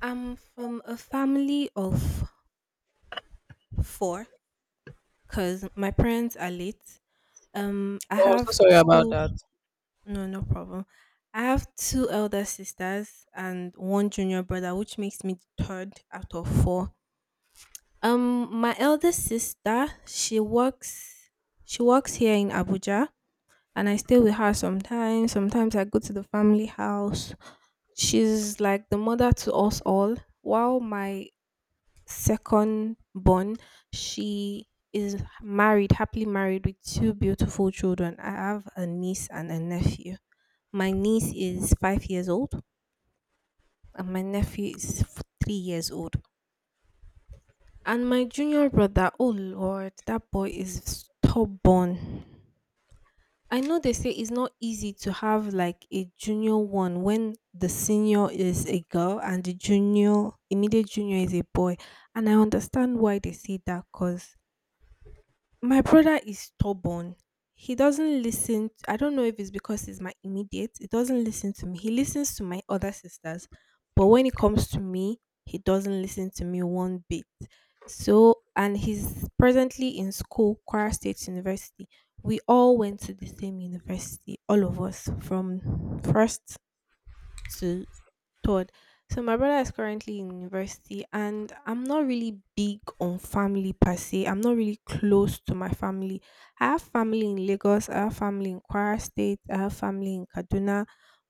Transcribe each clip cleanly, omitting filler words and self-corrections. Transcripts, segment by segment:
I'm from a family of four because my parents are late. Um, I Oh, I'm so have sorry about two, that. no, no problem. I have two elder sisters and one junior brother, which makes me the third out of four. My elder sister, she works here in Abuja, and I stay with her sometimes. Sometimes I go to the family house. She's like the mother to us all, while my second born, she is married, happily married with two beautiful children. I have a niece and a nephew. My niece is 5 years old, and my nephew is 3 years old. And my junior brother, oh Lord, that boy is stubborn. I know they say it's not easy to have like a junior one when the senior is a girl and the junior, immediate junior is a boy. And I understand why they say that, because my brother is stubborn. He doesn't listen. I don't know if it's because he's my immediate. He doesn't listen to me. He listens to my other sisters, but when it comes to me, he doesn't listen to me one bit. So, and he's presently in school, Kwara State University. We all went to the same university, all of us, from first to third. So my brother is currently in university, and I'm not really big on family per se. I'm not really close to my family. I have family in Lagos, I have family in Kwara State, I have family in Kaduna.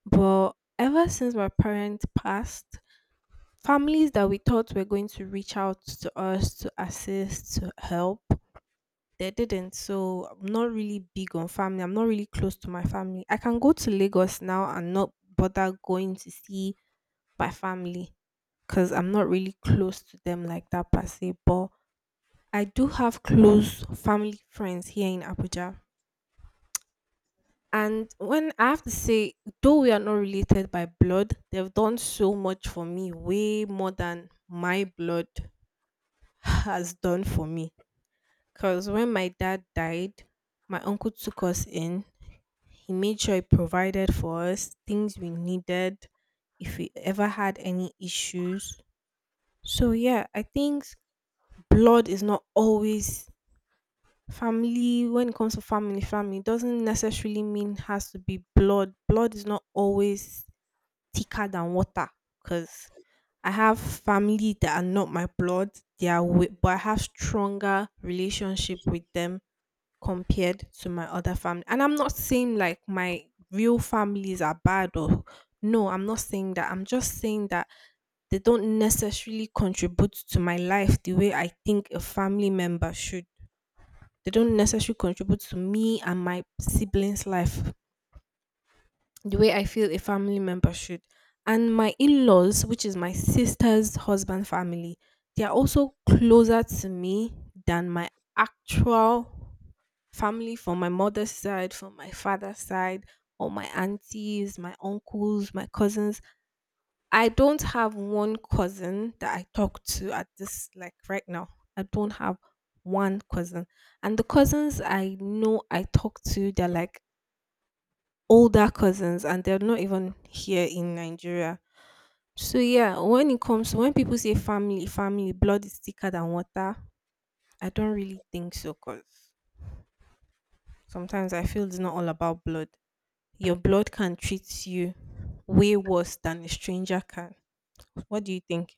But ever since my parents passed, families that we thought were going to reach out to us to assist, to help, they didn't. So I'm not really big on family. I'm not really close to my family. I can go to Lagos now and not bother going to see by family because I'm not really close to them like that per se. But I do have close family friends here in Abuja. And when I have to say, though we are not related by blood, they've done so much for me, way more than my blood has done for me. Because when my dad died, my uncle took us in. He made sure he provided for us things we needed, if we ever had any issues. So, yeah, I think blood is not always family. When it comes to family, family doesn't necessarily mean has to be blood. Blood is not always thicker than water, because I have family that are not my blood. But I have stronger relationship with them compared to my other family. And I'm not saying like my real families are bad, or no, I'm not saying that. I'm just saying that they don't necessarily contribute to my life the way I think a family member should. They don't necessarily contribute to me and my siblings' life the way I feel a family member should. And my in laws, which is my sister's husband family, they are also closer to me than my actual family from my mother's side, from my father's side, or my aunties, my uncles, my cousins. I don't have one cousin that I talk to at this, like right now. I don't have one cousin. And the cousins I know I talk to, they're like older cousins, and they're not even here in Nigeria. So yeah, when it comes when people say family, family, blood is thicker than water, I don't really think so, because sometimes I feel it's not all about blood. Your blood can treat you way worse than a stranger can. What do you think?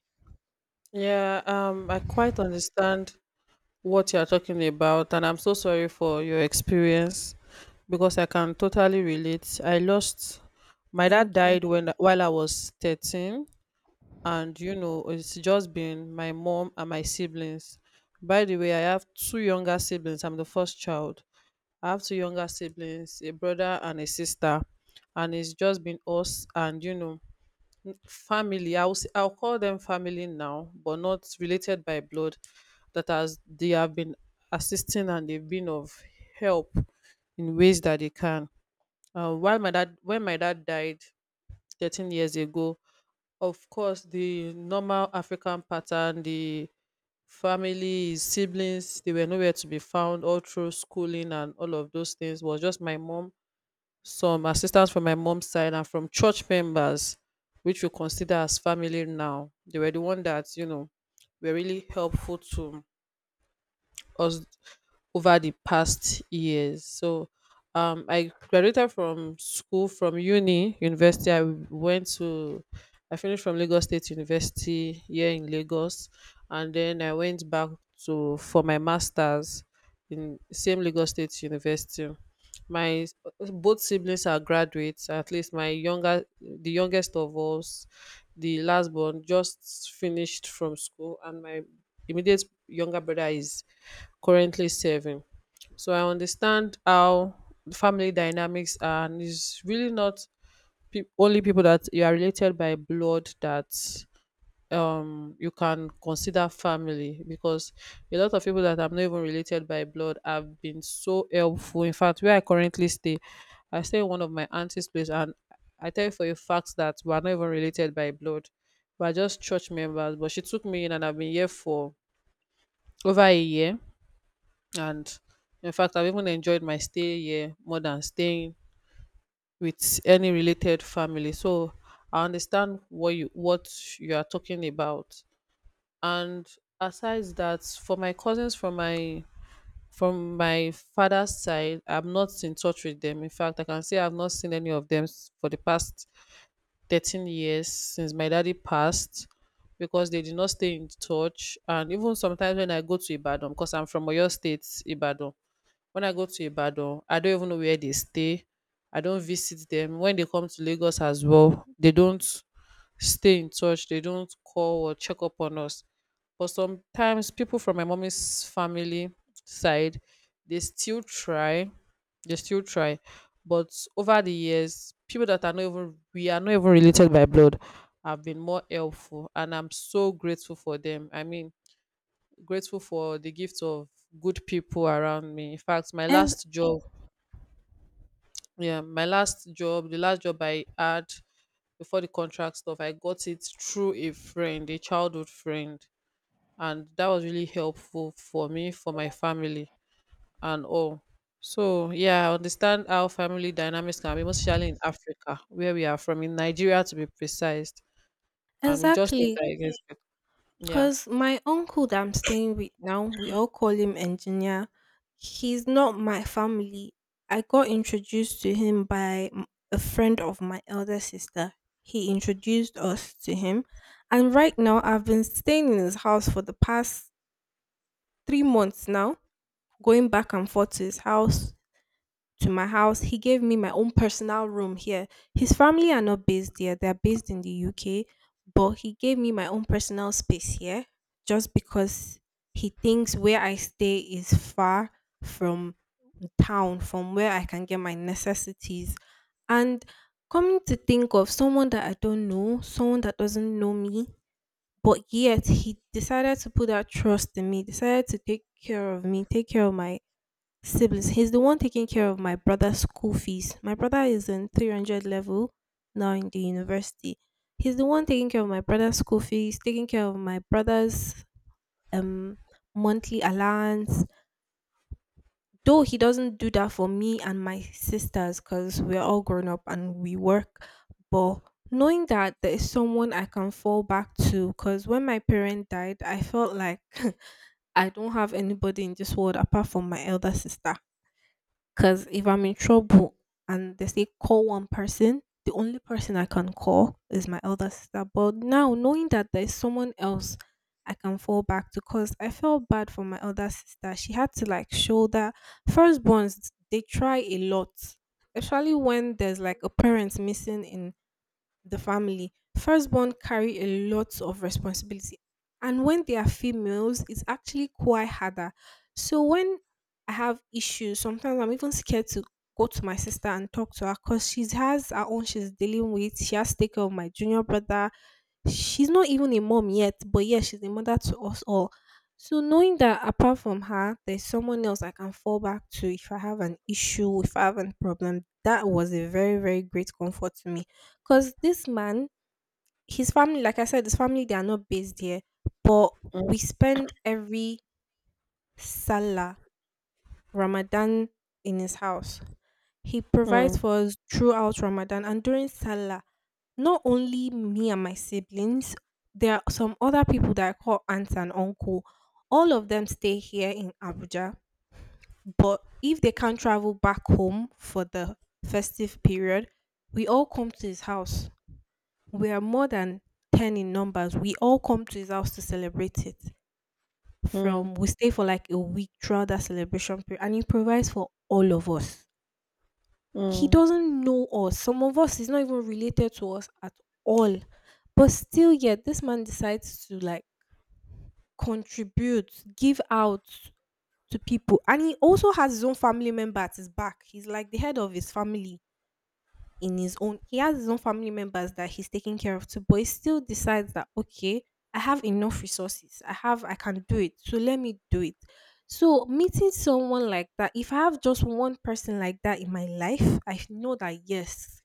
Yeah, I quite understand what you're talking about, and I'm so sorry for your experience because I can totally relate. I lost My dad Thank you. died when while I was 13, and it's just been my mom and my siblings. By the way, I have two younger siblings. I'm the first child. I have two younger siblings, a brother and a sister, and it's just been us and family. I'll call them family now, but not related by blood, that has they have been assisting, and they've been of help in ways that they can. While my dad When my dad died 13 years ago, of course, the normal African pattern, the family, his siblings, they were nowhere to be found all through schooling, and all of those things was just my mom, some assistance from my mom's side and from church members, which we consider as family now. They were the one that, were really helpful to us over the past years. So I graduated from school, from university. I went to I finished from Lagos State University here in Lagos, and then I went back to for my masters in same Lagos State University. My s- Both siblings are graduates. At least the youngest of us, the last born, just finished from school, and my immediate younger brother is currently serving. So I understand how the family dynamics are, and it's really not only people that you are related by blood that you can consider family, because a lot of people that I'm not even related by blood have been so helpful. In fact, where I currently stay, I stay in one of my auntie's place, and I tell you for a fact that we are not even related by blood. We're just church members, but she took me in, and I've been here for over a year, and in fact, I've even enjoyed my stay here more than staying with any related family. So I understand what you are talking about. And aside that, for my cousins from my father's side, I'm not in touch with them. In fact, I can say I've not seen any of them for the past 13 years since my daddy passed, because they did not stay in touch. And even sometimes, when I go to Ibadan, because I'm from Oyo State, Ibadan, when I go to Ibadan, I don't even know where they stay. I don't visit them. When they come to Lagos as well, they don't stay in touch. They don't call or check up on us. But sometimes people from my mommy's family side, they still try. They still try. But over the years, people that are not even we are not even related by blood have been more helpful. And I'm so grateful for them. I mean, grateful for the gift of good people around me. In fact, my As last job. Yeah, my last job, the last job I had before the contract stuff, I got it through a friend, a childhood friend, and that was really helpful for me, for my family, and all. So, yeah, I understand how family dynamics can be, most especially in Africa, where we are from, in Nigeria to be precise, and we just don't Exactly. like it. Yeah. Cause my uncle that I'm staying with now, we all call him engineer. He's not my family. I got introduced to him by a friend of my elder sister. He introduced us to him, and right now I've been staying in his house for the past 3 months now, going back and forth to his house to my house. He gave me my own personal room here. His family are not based here, they're based in the UK, but he gave me my own personal space here just because he thinks where I stay is far from town, from where I can get my necessities. And coming to think of someone that I don't know, someone that doesn't know me, but yet he decided to put that trust in me, decided to take care of me, take care of my siblings. He's the one taking care of my brother's school fees. My brother is in 300 level now in the university. He's the one taking care of my brother's school fees, taking care of my brother's um monthly allowance. Though he doesn't do that for me and my sisters because we're all grown up and we work, but knowing that there is someone I can fall back to, because when my parent died, I felt like I don't have anybody in this world apart from my elder sister. Because if I'm in trouble and they say call one person, the only person I can call is my elder sister. But now, knowing that there's someone else I can fall back to, because I felt bad for my elder sister. She had to like shoulder. Firstborns, they try a lot, especially when there's like a parent missing in the family. Firstborn carry a lot of responsibility. And when they are females, it's actually quite harder. So when I have issues, sometimes I'm even scared to go to my sister and talk to her because she has her own she's dealing with. She has to take care of my junior brother. She's not even a mom yet, but yeah, she's a mother to us all. So knowing that apart from her, there's someone else I can fall back to if I have an issue, if I have a problem, that was a very, very great comfort to me. Because this man, his family, like I said, his family, they are not based here, but Mm. we spend every Salah, Ramadan in his house. He provides Mm. for us throughout Ramadan and during Salah. Not only me and my siblings, there are some other people that I call aunts and uncle. All of them stay here in Abuja, but if they can't travel back home for the festive period, we all come to his house. We are more than 10 in numbers. We all come to his house to celebrate it. Mm. From We stay for like a week throughout that celebration period, and he provides for all of us. He Mm. doesn't know us. Some of us is not even related to us at all. But still, yet this man decides to like contribute, give out to people, and he also has his own family member at his back. He's like the head of his family. In his own He has his own family members that he's taking care of too, but he still decides that, okay, I have enough resources, I can do it, so let me do it. So meeting someone like that, if I have just one person like that in my life, I know that, yes,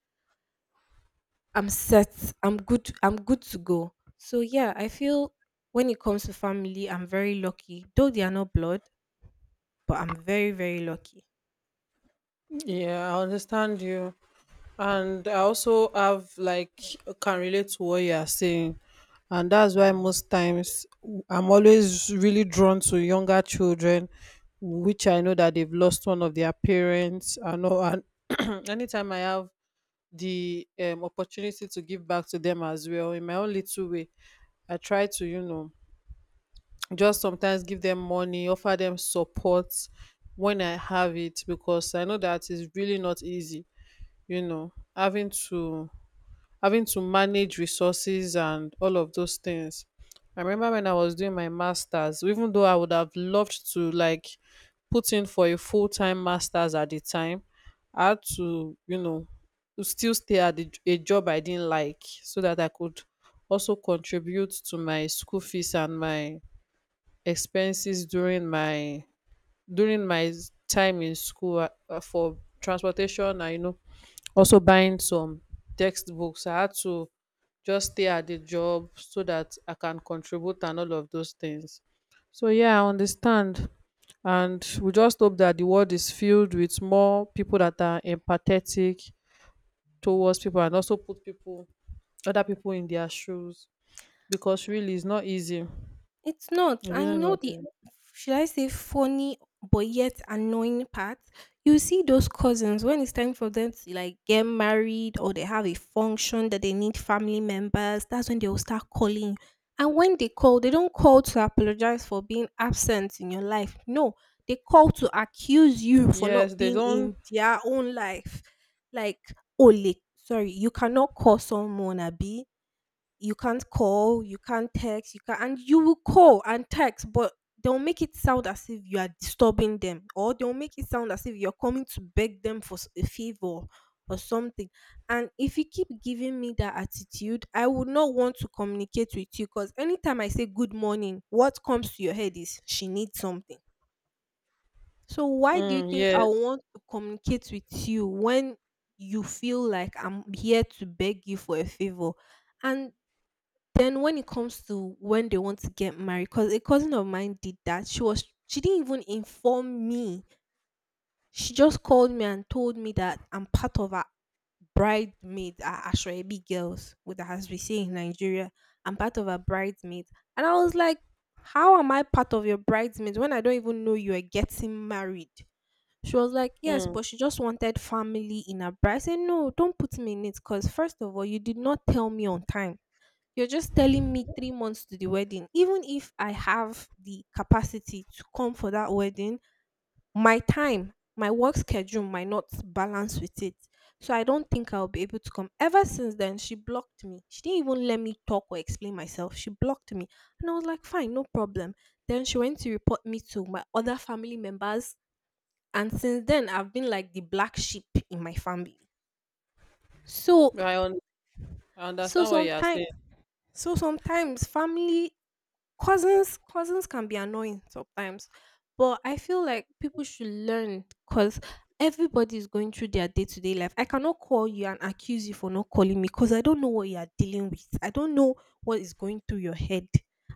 I'm set. I'm good. I'm good to go. So yeah, I feel, when it comes to family, I'm very lucky. Though they are not blood, but I'm very, very lucky. Yeah, I understand you. And I also have like can relate to what you are saying. And that's why most times, I'm always really drawn to younger children, which I know that they've lost one of their parents, I know. And anytime I have the opportunity to give back to them as well in my own little way, I try to just sometimes give them money, offer them support when I have it, because I know that it's really not easy, having to manage resources and all of those things. I remember when I was doing my masters, even though I would have loved to like put in for a full-time masters at the time, I had to still stay at a job I didn't like, so that I could also contribute to my school fees and my expenses during my time in school, for transportation, and also buying some textbooks. I had to just stay at the job so that I can contribute and all of those things. So, yeah, I understand. And we just hope that the world is filled with more people that are empathetic towards people and also put people other people in their shoes. Because really, it's not easy. It's not. It's And really you know not the, easy. should I say, funny but yet annoying part? You see those cousins, when it's time for them to like get married or they have a function that they need family members, that's when they'll start calling. And when they call, they don't call to apologize for being absent in your life. No, they call to accuse you for Yes, not they being don't. in their own life. Like, Ole, sorry, you cannot call someone, Abi you can't call, you can't text, you can and you will call and text, but they'll make it sound as if you are disturbing them, or they'll make it sound as if you're coming to beg them for a favor or something. And if you keep giving me that attitude, I would not want to communicate with you, because anytime I say good morning, what comes to your head is, she needs something. So why do you Mm. think I Yes. want to communicate with you when you feel like I'm here to beg you for a favor? And then when it comes to when they want to get married, because a cousin of mine did that. She didn't even inform me. She just called me and told me that I'm part of a bridesmaid, our Ashwebi girls, with as we say in Nigeria. I'm part of a bridesmaid. And I was like, how am I part of your bridesmaids when I don't even know you are getting married? She was like, yes, Mm. but she just wanted family in her bride. I said, "No, don't put me in it because first of all, you did not tell me on time. You're just telling me 3 months to the wedding. Even if I have the capacity to come for that wedding, my time, my work schedule might not balance with it. So I don't think I'll be able to come." Ever since then, she blocked me. She didn't even let me talk or explain myself. She blocked me. And I was like, fine, no problem. Then she went to report me to my other family members. And since then, I've been like the black sheep in my family. So, I, un- I so understand what you are sometimes, saying. so sometimes family cousins can be annoying sometimes, but I feel like people should learn, because everybody is going through their day-to-day life. I cannot call you and accuse you for not calling me because I don't know what you are dealing with. I don't know what is going through your head.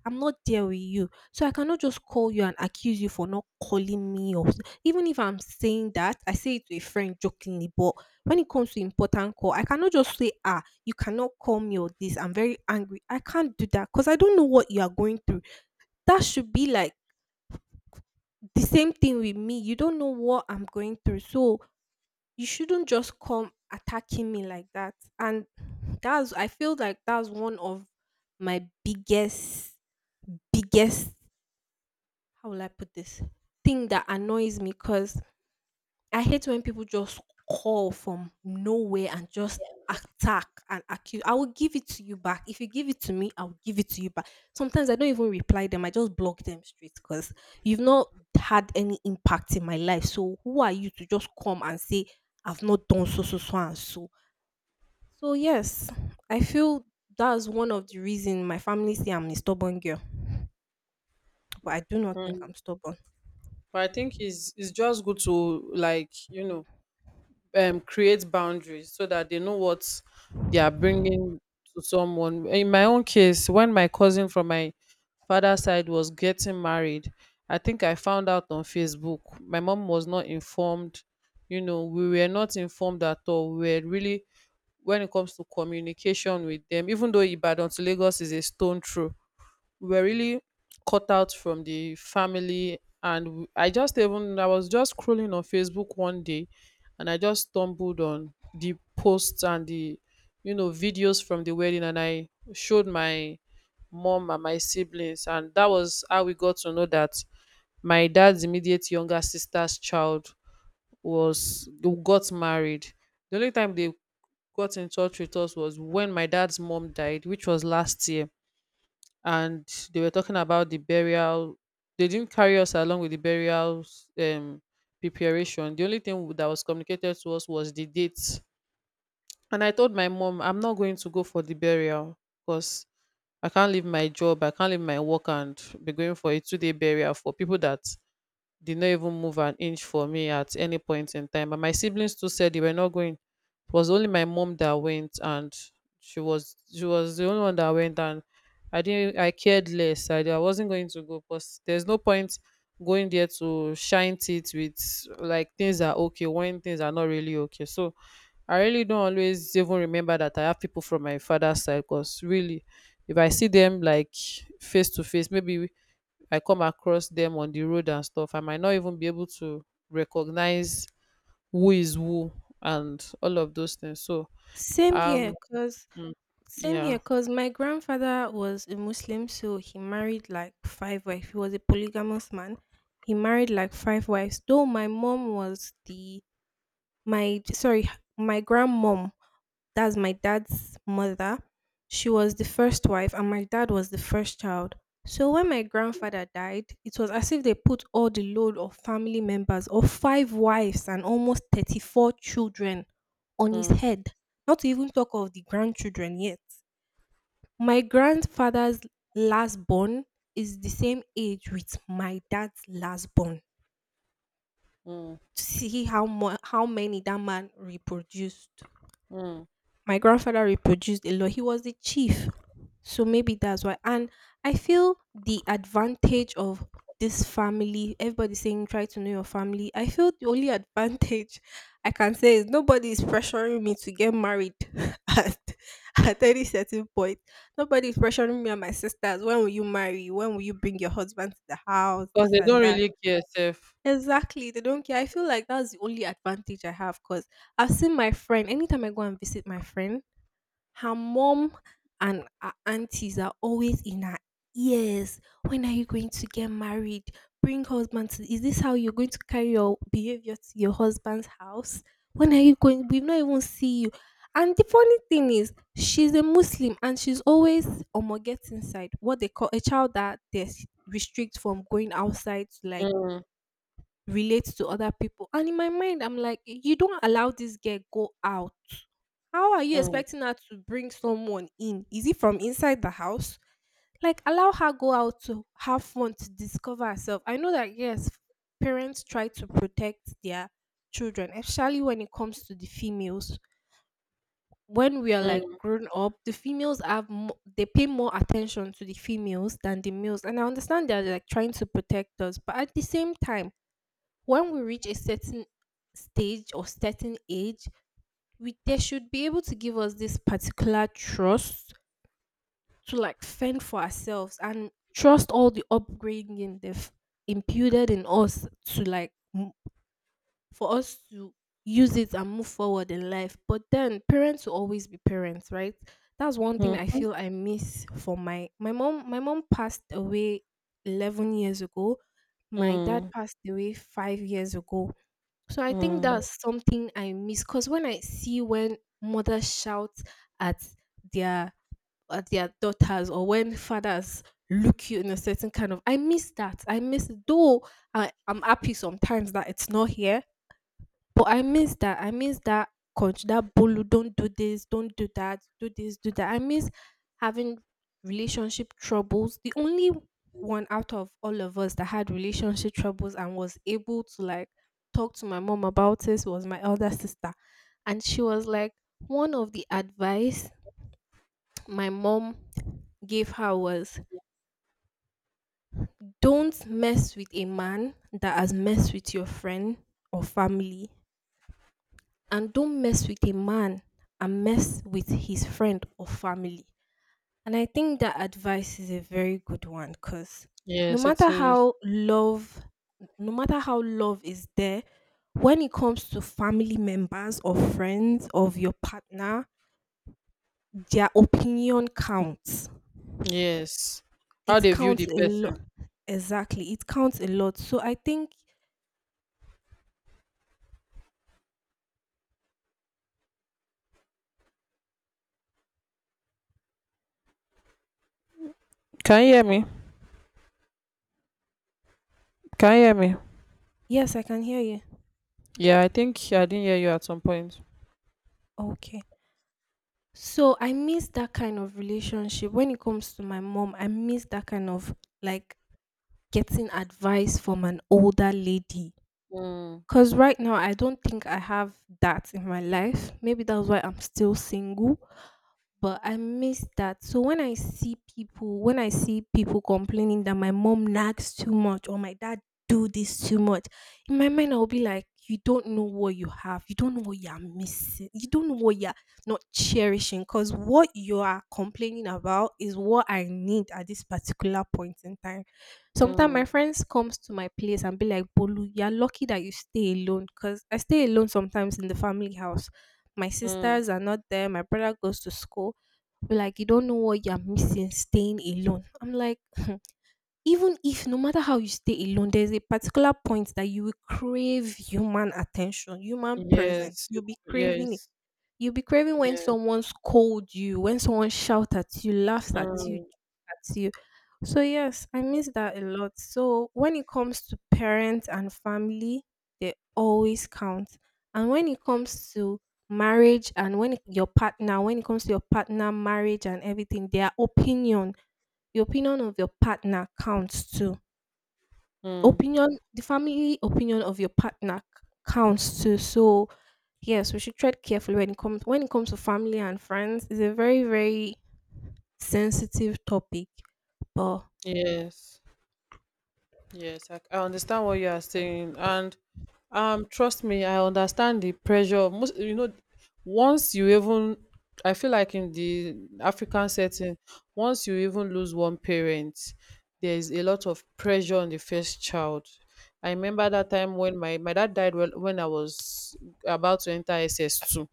I'm not there with you, so I cannot just call you and accuse you for not calling me even if I'm saying that, I say it to a friend jokingly. But when it comes to important call, I cannot just say, "Ah, you cannot call me or this. I'm very angry." I can't do that because I don't know what you are going through. That should be like the same thing with me. You don't know what I'm going through. So you shouldn't just come attacking me like that. And that's, I feel like that's one of my biggest, how will I put this? Thing that annoys me, because I hate when people just call from nowhere and just attack and accuse. I will give it to you back. If you give it to me, I will give it to you back. Sometimes I don't even reply them. I just block them straight, because you've not had any impact in my life. So who are you to just come and say I've not done so so so and so? So yes, I feel that's one of the reason my family say I'm a stubborn girl, but I do not think Mm. I'm stubborn. But I think it's just good to, like, create boundaries, so that they know what they are bringing to someone. In my own case, when my cousin from my father's side was getting married, I think I found out on Facebook. My mom was not informed. You know, we were not informed at all. When it comes to communication with them, even though Ibadan to Lagos is a stone throw, we were really cut out from the family. And I was just scrolling on Facebook one day, and I just stumbled on the posts and the videos from the wedding. And I showed my mom and my siblings, and that was how we got to know that my dad's immediate younger sister's child was got married. The only time they got in touch with us was when my dad's mom died, which was last year, and they were talking about the burial. They didn't carry us along with the burial um, preparation. The only thing that was communicated to us was the date. And I told my mom, I'm not going to go for the burial, because I can't leave my job, I can't leave my work and be going for a 2-day burial for people that did not even move an inch for me at any point in time. But my siblings too said they were not going. It was only my mom that went, and she was the only one that went, and I didn't I cared less. I wasn't going to go, because there's no point going there to shine teeth with like things are okay when things are not really okay. So I really don't always even remember that I have people from my father's side, because really, if I see them like face to face, maybe I come across them on the road and stuff, I might not even be able to recognize who is who and all of those things. So Same here, um cause mm. Same Yeah. here, cause my grandfather was a Muslim, so he married like 5 wives. He was a polygamous man. He married like five wives. Though my mom was the my sorry, my grandmom, that's my dad's mother. She was the first wife, and my dad was the first child. So when my grandfather died, it was as if they put all the load of family members of 5 wives and almost 34 children on his Mm. head. Not to even talk of the grandchildren yet. My grandfather's last born is the same age with my dad's last born. Mm. How many that man reproduced! Mm. My grandfather reproduced a lot. He was the chief. So maybe that's why. And I feel the advantage of this family, everybody saying try to know your family. I feel the only advantage I can say is nobody is pressuring me to get married at any certain point. Nobody is pressuring me and my sisters. When will you marry? When will you bring your husband to the house? Because This they and don't that. really care self. Exactly. They don't care. I feel like that's the only advantage I have because I've seen my friend. Anytime I go and visit my friend, her mom and her aunties are always in her ears. When are you going to get married? Bring husband. To, is this how you're going to carry your behavior to your husband's house? When are you going? We've not even see you. And the funny thing is, she's a Muslim and she's always on gets inside. What they call a child that they restrict from going outside to like Mm. relate to other people. And in my mind, I'm like, you don't allow this girl go out. How are you Mm. expecting her to bring someone in? Is it from inside the house? Like allow her go out to have fun to discover herself. I know that yes, parents try to protect their children, especially when it comes to the females. When we are like Mm. grown up, the females have they pay more attention to the females than the males, and I understand they're like trying to protect us. But at the same time, when we reach a certain stage or certain age, we they should be able to give us this particular trust to like fend for ourselves and trust all the upbringing they've imputed in us to like for us to use it and move forward in life. But then parents will always be parents, right? That's one thing I Mm. feel I miss for my mom. My mom passed away 11 years ago. My dad Mm. passed away 5 years ago. So I think Mm. that's something I miss, because when I see when mothers shout at their at their daughters, or when fathers look you in a certain kind of, I miss that. I miss though I'm happy sometimes that it's not here. But I miss that. I miss that coach, that bolu, don't do this, don't do that, do this, do that. I miss having relationship troubles. The only one out of all of us that had relationship troubles and was able to like talk to my mom about this was my elder sister. And she was like, one of the advice my mom gave her was, don't mess with a man that has messed with your friend or family, and don't mess with a man and mess with his friend or family. And I think that advice is a very good one, because no Yes, it matter is. how love, no matter how love is there, when it comes to family members or friends of your partner, their opinion counts. Yes. How It they view counts the a person. lot. Exactly. It counts a lot. So I think, Can you hear me? Can you hear me? yes, I can hear you. Yeah, I think I didn't hear you at some point. Okay. So I miss that kind of relationship. When it comes to my mom, I miss that kind of like getting advice from an older lady. Mm. Because right now, I don't think I have that in my life. Maybe that's why I'm still single, but I miss that. So when I see people, when I see people complaining that my mom nags too much or my dad do this too much, in my mind I'll be like, you don't know what you have. You don't know what you're missing. You don't know what you're not cherishing. Because what you are complaining about is what I need at this particular point in time. Sometimes my Mm. friends comes to my place and be like, Bolu, you're lucky that you stay alone. Because I stay alone sometimes in the family house. My Mm. sisters are not there. My brother goes to school, be like, you don't know what you're missing staying alone. I'm like, even if no matter how you stay alone, there's a particular point that you will crave human attention, human presence. Yes, yes, You'll be craving when yes. someone scold you, when someone shout at you, laughs at you, Mm. at you. So yes, I miss that a lot. So when it comes to parents and family, they always count. And when it comes to marriage and your partner, when it comes to your partner marriage and everything, their opinion, the opinion of your partner counts too. Mm. Opinion, the family opinion of your partner counts too. So yes, we should tread carefully when it comes to family and friends. It's a very, very sensitive topic. But Yes, yes, I understand what you are saying, and trust me, I understand the pressure. Most, you know, once you even, I feel like in the African setting, once you even lose one parent, there is a lot of pressure on the first child. I remember that time when my dad died when I was about to enter SS2.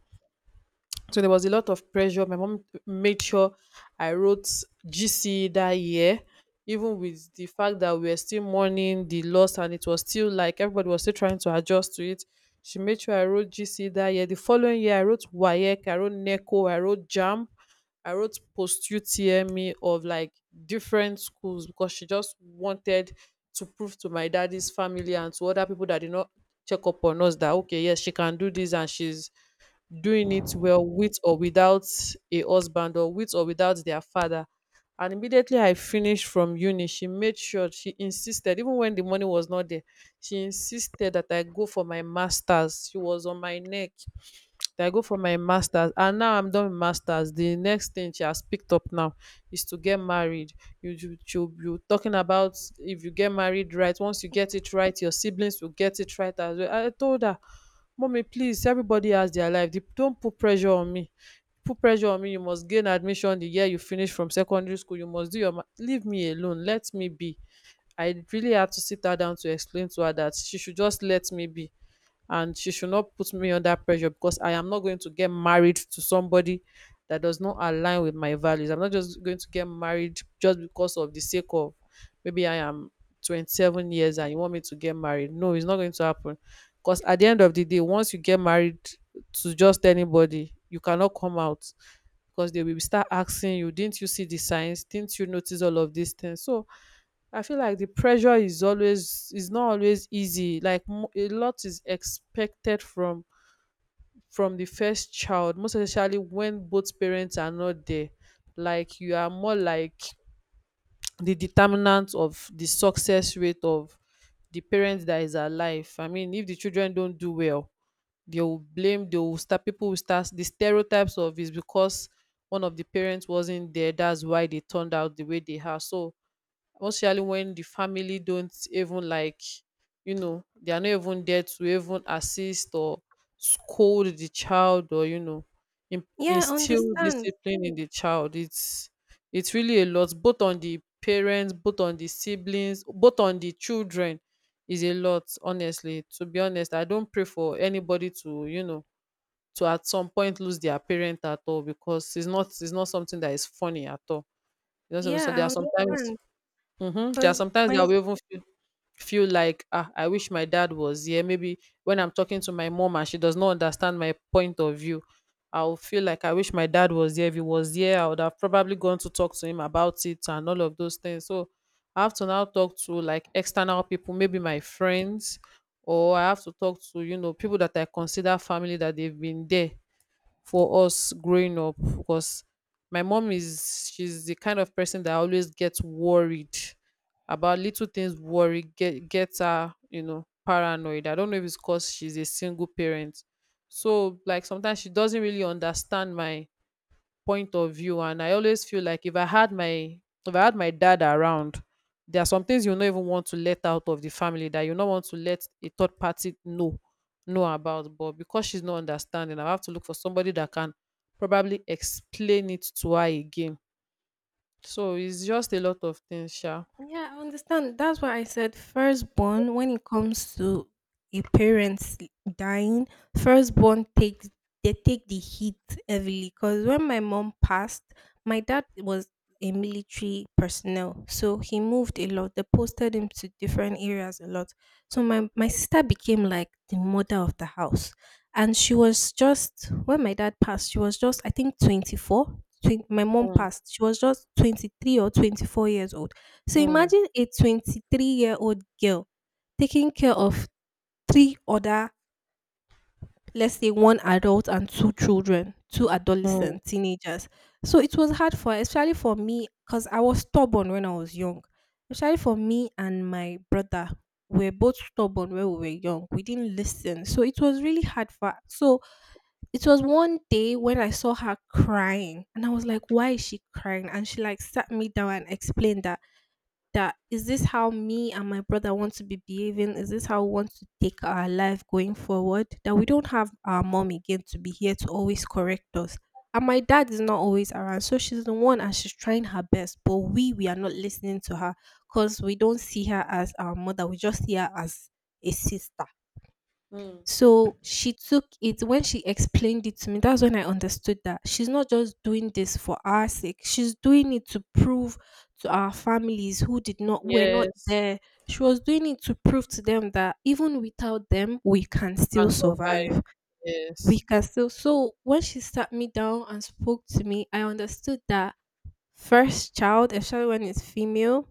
So there was a lot of pressure. My mom made sure I wrote GCE that year, even with the fact that we were still mourning the loss and it was still like everybody was still trying to adjust to it. She made sure I wrote GCE that year. The following year, I wrote WAEC, I wrote NECO, I wrote JAM, I wrote post UTME of like different schools, because she just wanted to prove to my daddy's family and to other people that did not check up on us that okay, yes, she can do this and she's doing it well with or without a husband or with or without their father. And immediately I finished from uni, she made sure, she insisted, even when the money was not there, she insisted that I go for my master's. She was on my neck. I go for my masters, and now I'm done with masters. The next thing she has picked up now is to get married. You talking about if you get married right, once you get it right, your siblings will get it right as well. I told her, Mommy, please, everybody has their life. Don't put pressure on me. Put pressure on me. You must gain admission the year you finish from secondary school. You must leave me alone. Let me be. I really had to sit her down to explain to her that she should just let me be and she should not put me under pressure because I am not going to get married to somebody that does not align with my values. I'm not just going to get married just because of the sake of maybe I am 27 years and you want me to get married. No, it's not going to happen. Because at the end of the day, once you get married to just anybody, you cannot come out because they will start asking you, didn't you see the signs? Didn't you notice all of these things? So I feel like the pressure is not always easy. A lot is expected from the first child, most especially when both parents are not there. Like you are more like the determinant of the success rate of the parent that is alive. I mean, if the children don't do well, they'll blame they'll start people will start the stereotypes of is because one of the parents wasn't there, that's why they turned out the way they are. So especially when the family don't even like, you know, they are not even there to even assist or scold the child, or, you know, yeah, I instill understand. discipline in the child, it's really a lot, both on the parents, both on the siblings, both on the children. Is a lot, honestly. To be honest, I don't pray for anybody to, you know, to at some point lose their parent at all, because it's not something that is funny at all, you know. So there are Yeah, I sometimes. understand. Mhm. There are Cause sometimes that, my yes, we even feel like, "Ah, I wish my dad was here." Maybe when I'm talking to my mom and she does not understand my point of view, I'll feel like, "I wish my dad was there. If he was here, I would have probably gone to talk to him about it and all of those things." So I have to now talk to like external people, maybe my friends, or I have to talk to, you know, people that I consider family that they've been there for us growing up. Because my mom is, she's the kind of person that always gets worried about little things. Worry gets her, you know, paranoid. I don't know if it's because she's a single parent. So like sometimes she doesn't really understand my point of view, and I always feel like if I had my dad around, there are some things you don't even want to let out of the family, that you don't want to let a third party know about. But because she's not understanding, I have to look for somebody that can probably explain it to her again. So it's just a lot of things sha. Yeah, I understand. That's why I said firstborn, when it comes to a parent's dying, firstborn takes they take the heat heavily. Because when my mom passed, my dad was a military personnel, so he moved a lot. They posted him to different areas a lot. So my sister became like the mother of the house, and she was just when my dad passed, she was just I think 24. My mom Mm, passed. She was just 23 or 24 years old, so mm, imagine a 23-year-old girl taking care of three other, let's say one adult and two children, two mm, adolescent teenagers. So it was hard for, especially for me, because I was stubborn when I was young. Especially for me and my brother, we were both stubborn when we were young. We didn't listen, so it was really hard for. So it was one day when I saw her crying, and I was like, "Why is she crying?" And she like sat me down and explained that that is this how me and my brother want to be behaving? Is this how we want to take our life going forward? That we don't have our mom again to be here to always correct us. And my dad is not always around, so she's the one and she's trying her best. But we are not listening to her because we don't see her as our mother. We just see her as a sister. mm. So she took it when she explained it to me. That's when I understood that she's not just doing this for our sake. She's doing it to prove to our families who did not were not Yes. there. She was doing it to prove to them that even without them, we can You can still survive. survive. We Yes, can still. So when she sat me down and spoke to me, I understood that first child, especially when it's female,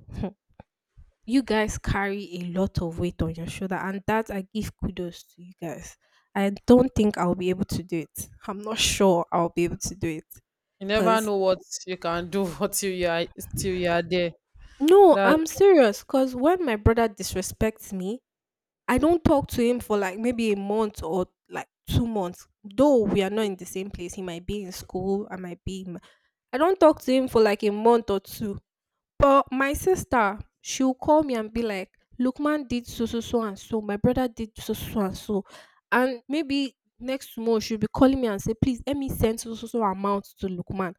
you guys carry a lot of weight on your shoulder, and that I give kudos to you guys. I don't think I'll be able to do it. I'm not sure I'll be able to do it, you never because know what you can do until you are till you are there. no, That. I'm serious, because when my brother disrespects me, I don't talk to him for like maybe a month or like 2 months. Though we are not in the same place, he might be in school, I might be in my, I don't talk to him for like a month or two. But my sister, she'll call me and be like, "Lukman did so, so, so and so. My brother did so, so, so and so." And maybe next month she'll be calling me and say, "Please let me send so, so, so amount to Lukman."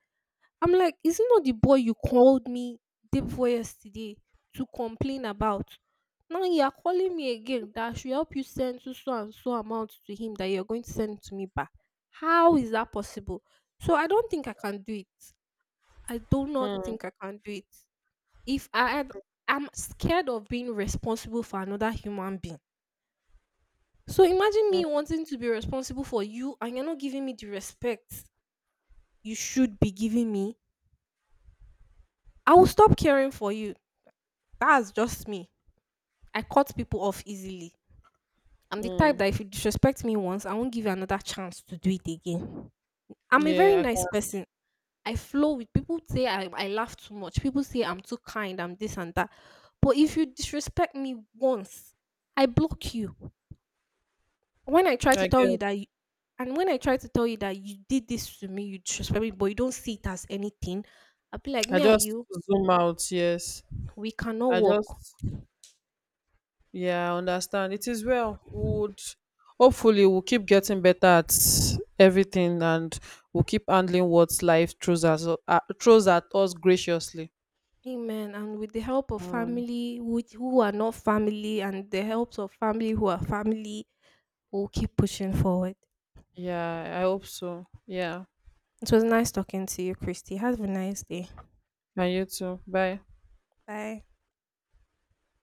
I'm like, "Is it not the boy you called me day before yesterday to complain about?" Now you are calling me again that I should help you send so, so and so amount to him that you're going to send to me back. How is that possible? So I don't think I can do it. I do not Mm. think I can do it if I am I'm scared of being responsible for another human being. So imagine me wanting to be responsible for you and you're not giving me the respect you should be giving me. I will stop caring for you. That's just me. I cut people off easily. I'm the type Mm. that if you disrespect me once, I won't give you another chance to do it again. I'm a very Yeah, nice person. I flow with people say I laugh too much. People say I'm too kind, I'm this and that. But if you disrespect me once, I block you. When I try I, to I tell you get. that you and when I try to tell you that you did this to me, you disrespect me, but you don't see it as anything, I'll be like, I me and just you, zoom out. Yes, we cannot I walk. just. Yeah, I understand. It is well. We Would hopefully we'll keep getting better at everything, and we'll keep handling what life throws at us graciously. Amen. And with the help of Mm. family which, who are not family, and the helps of family who are family, we'll keep pushing forward. Yeah, I hope so. Yeah, It was nice talking to you, Christy. Have a nice day. and you too. Bye. Bye.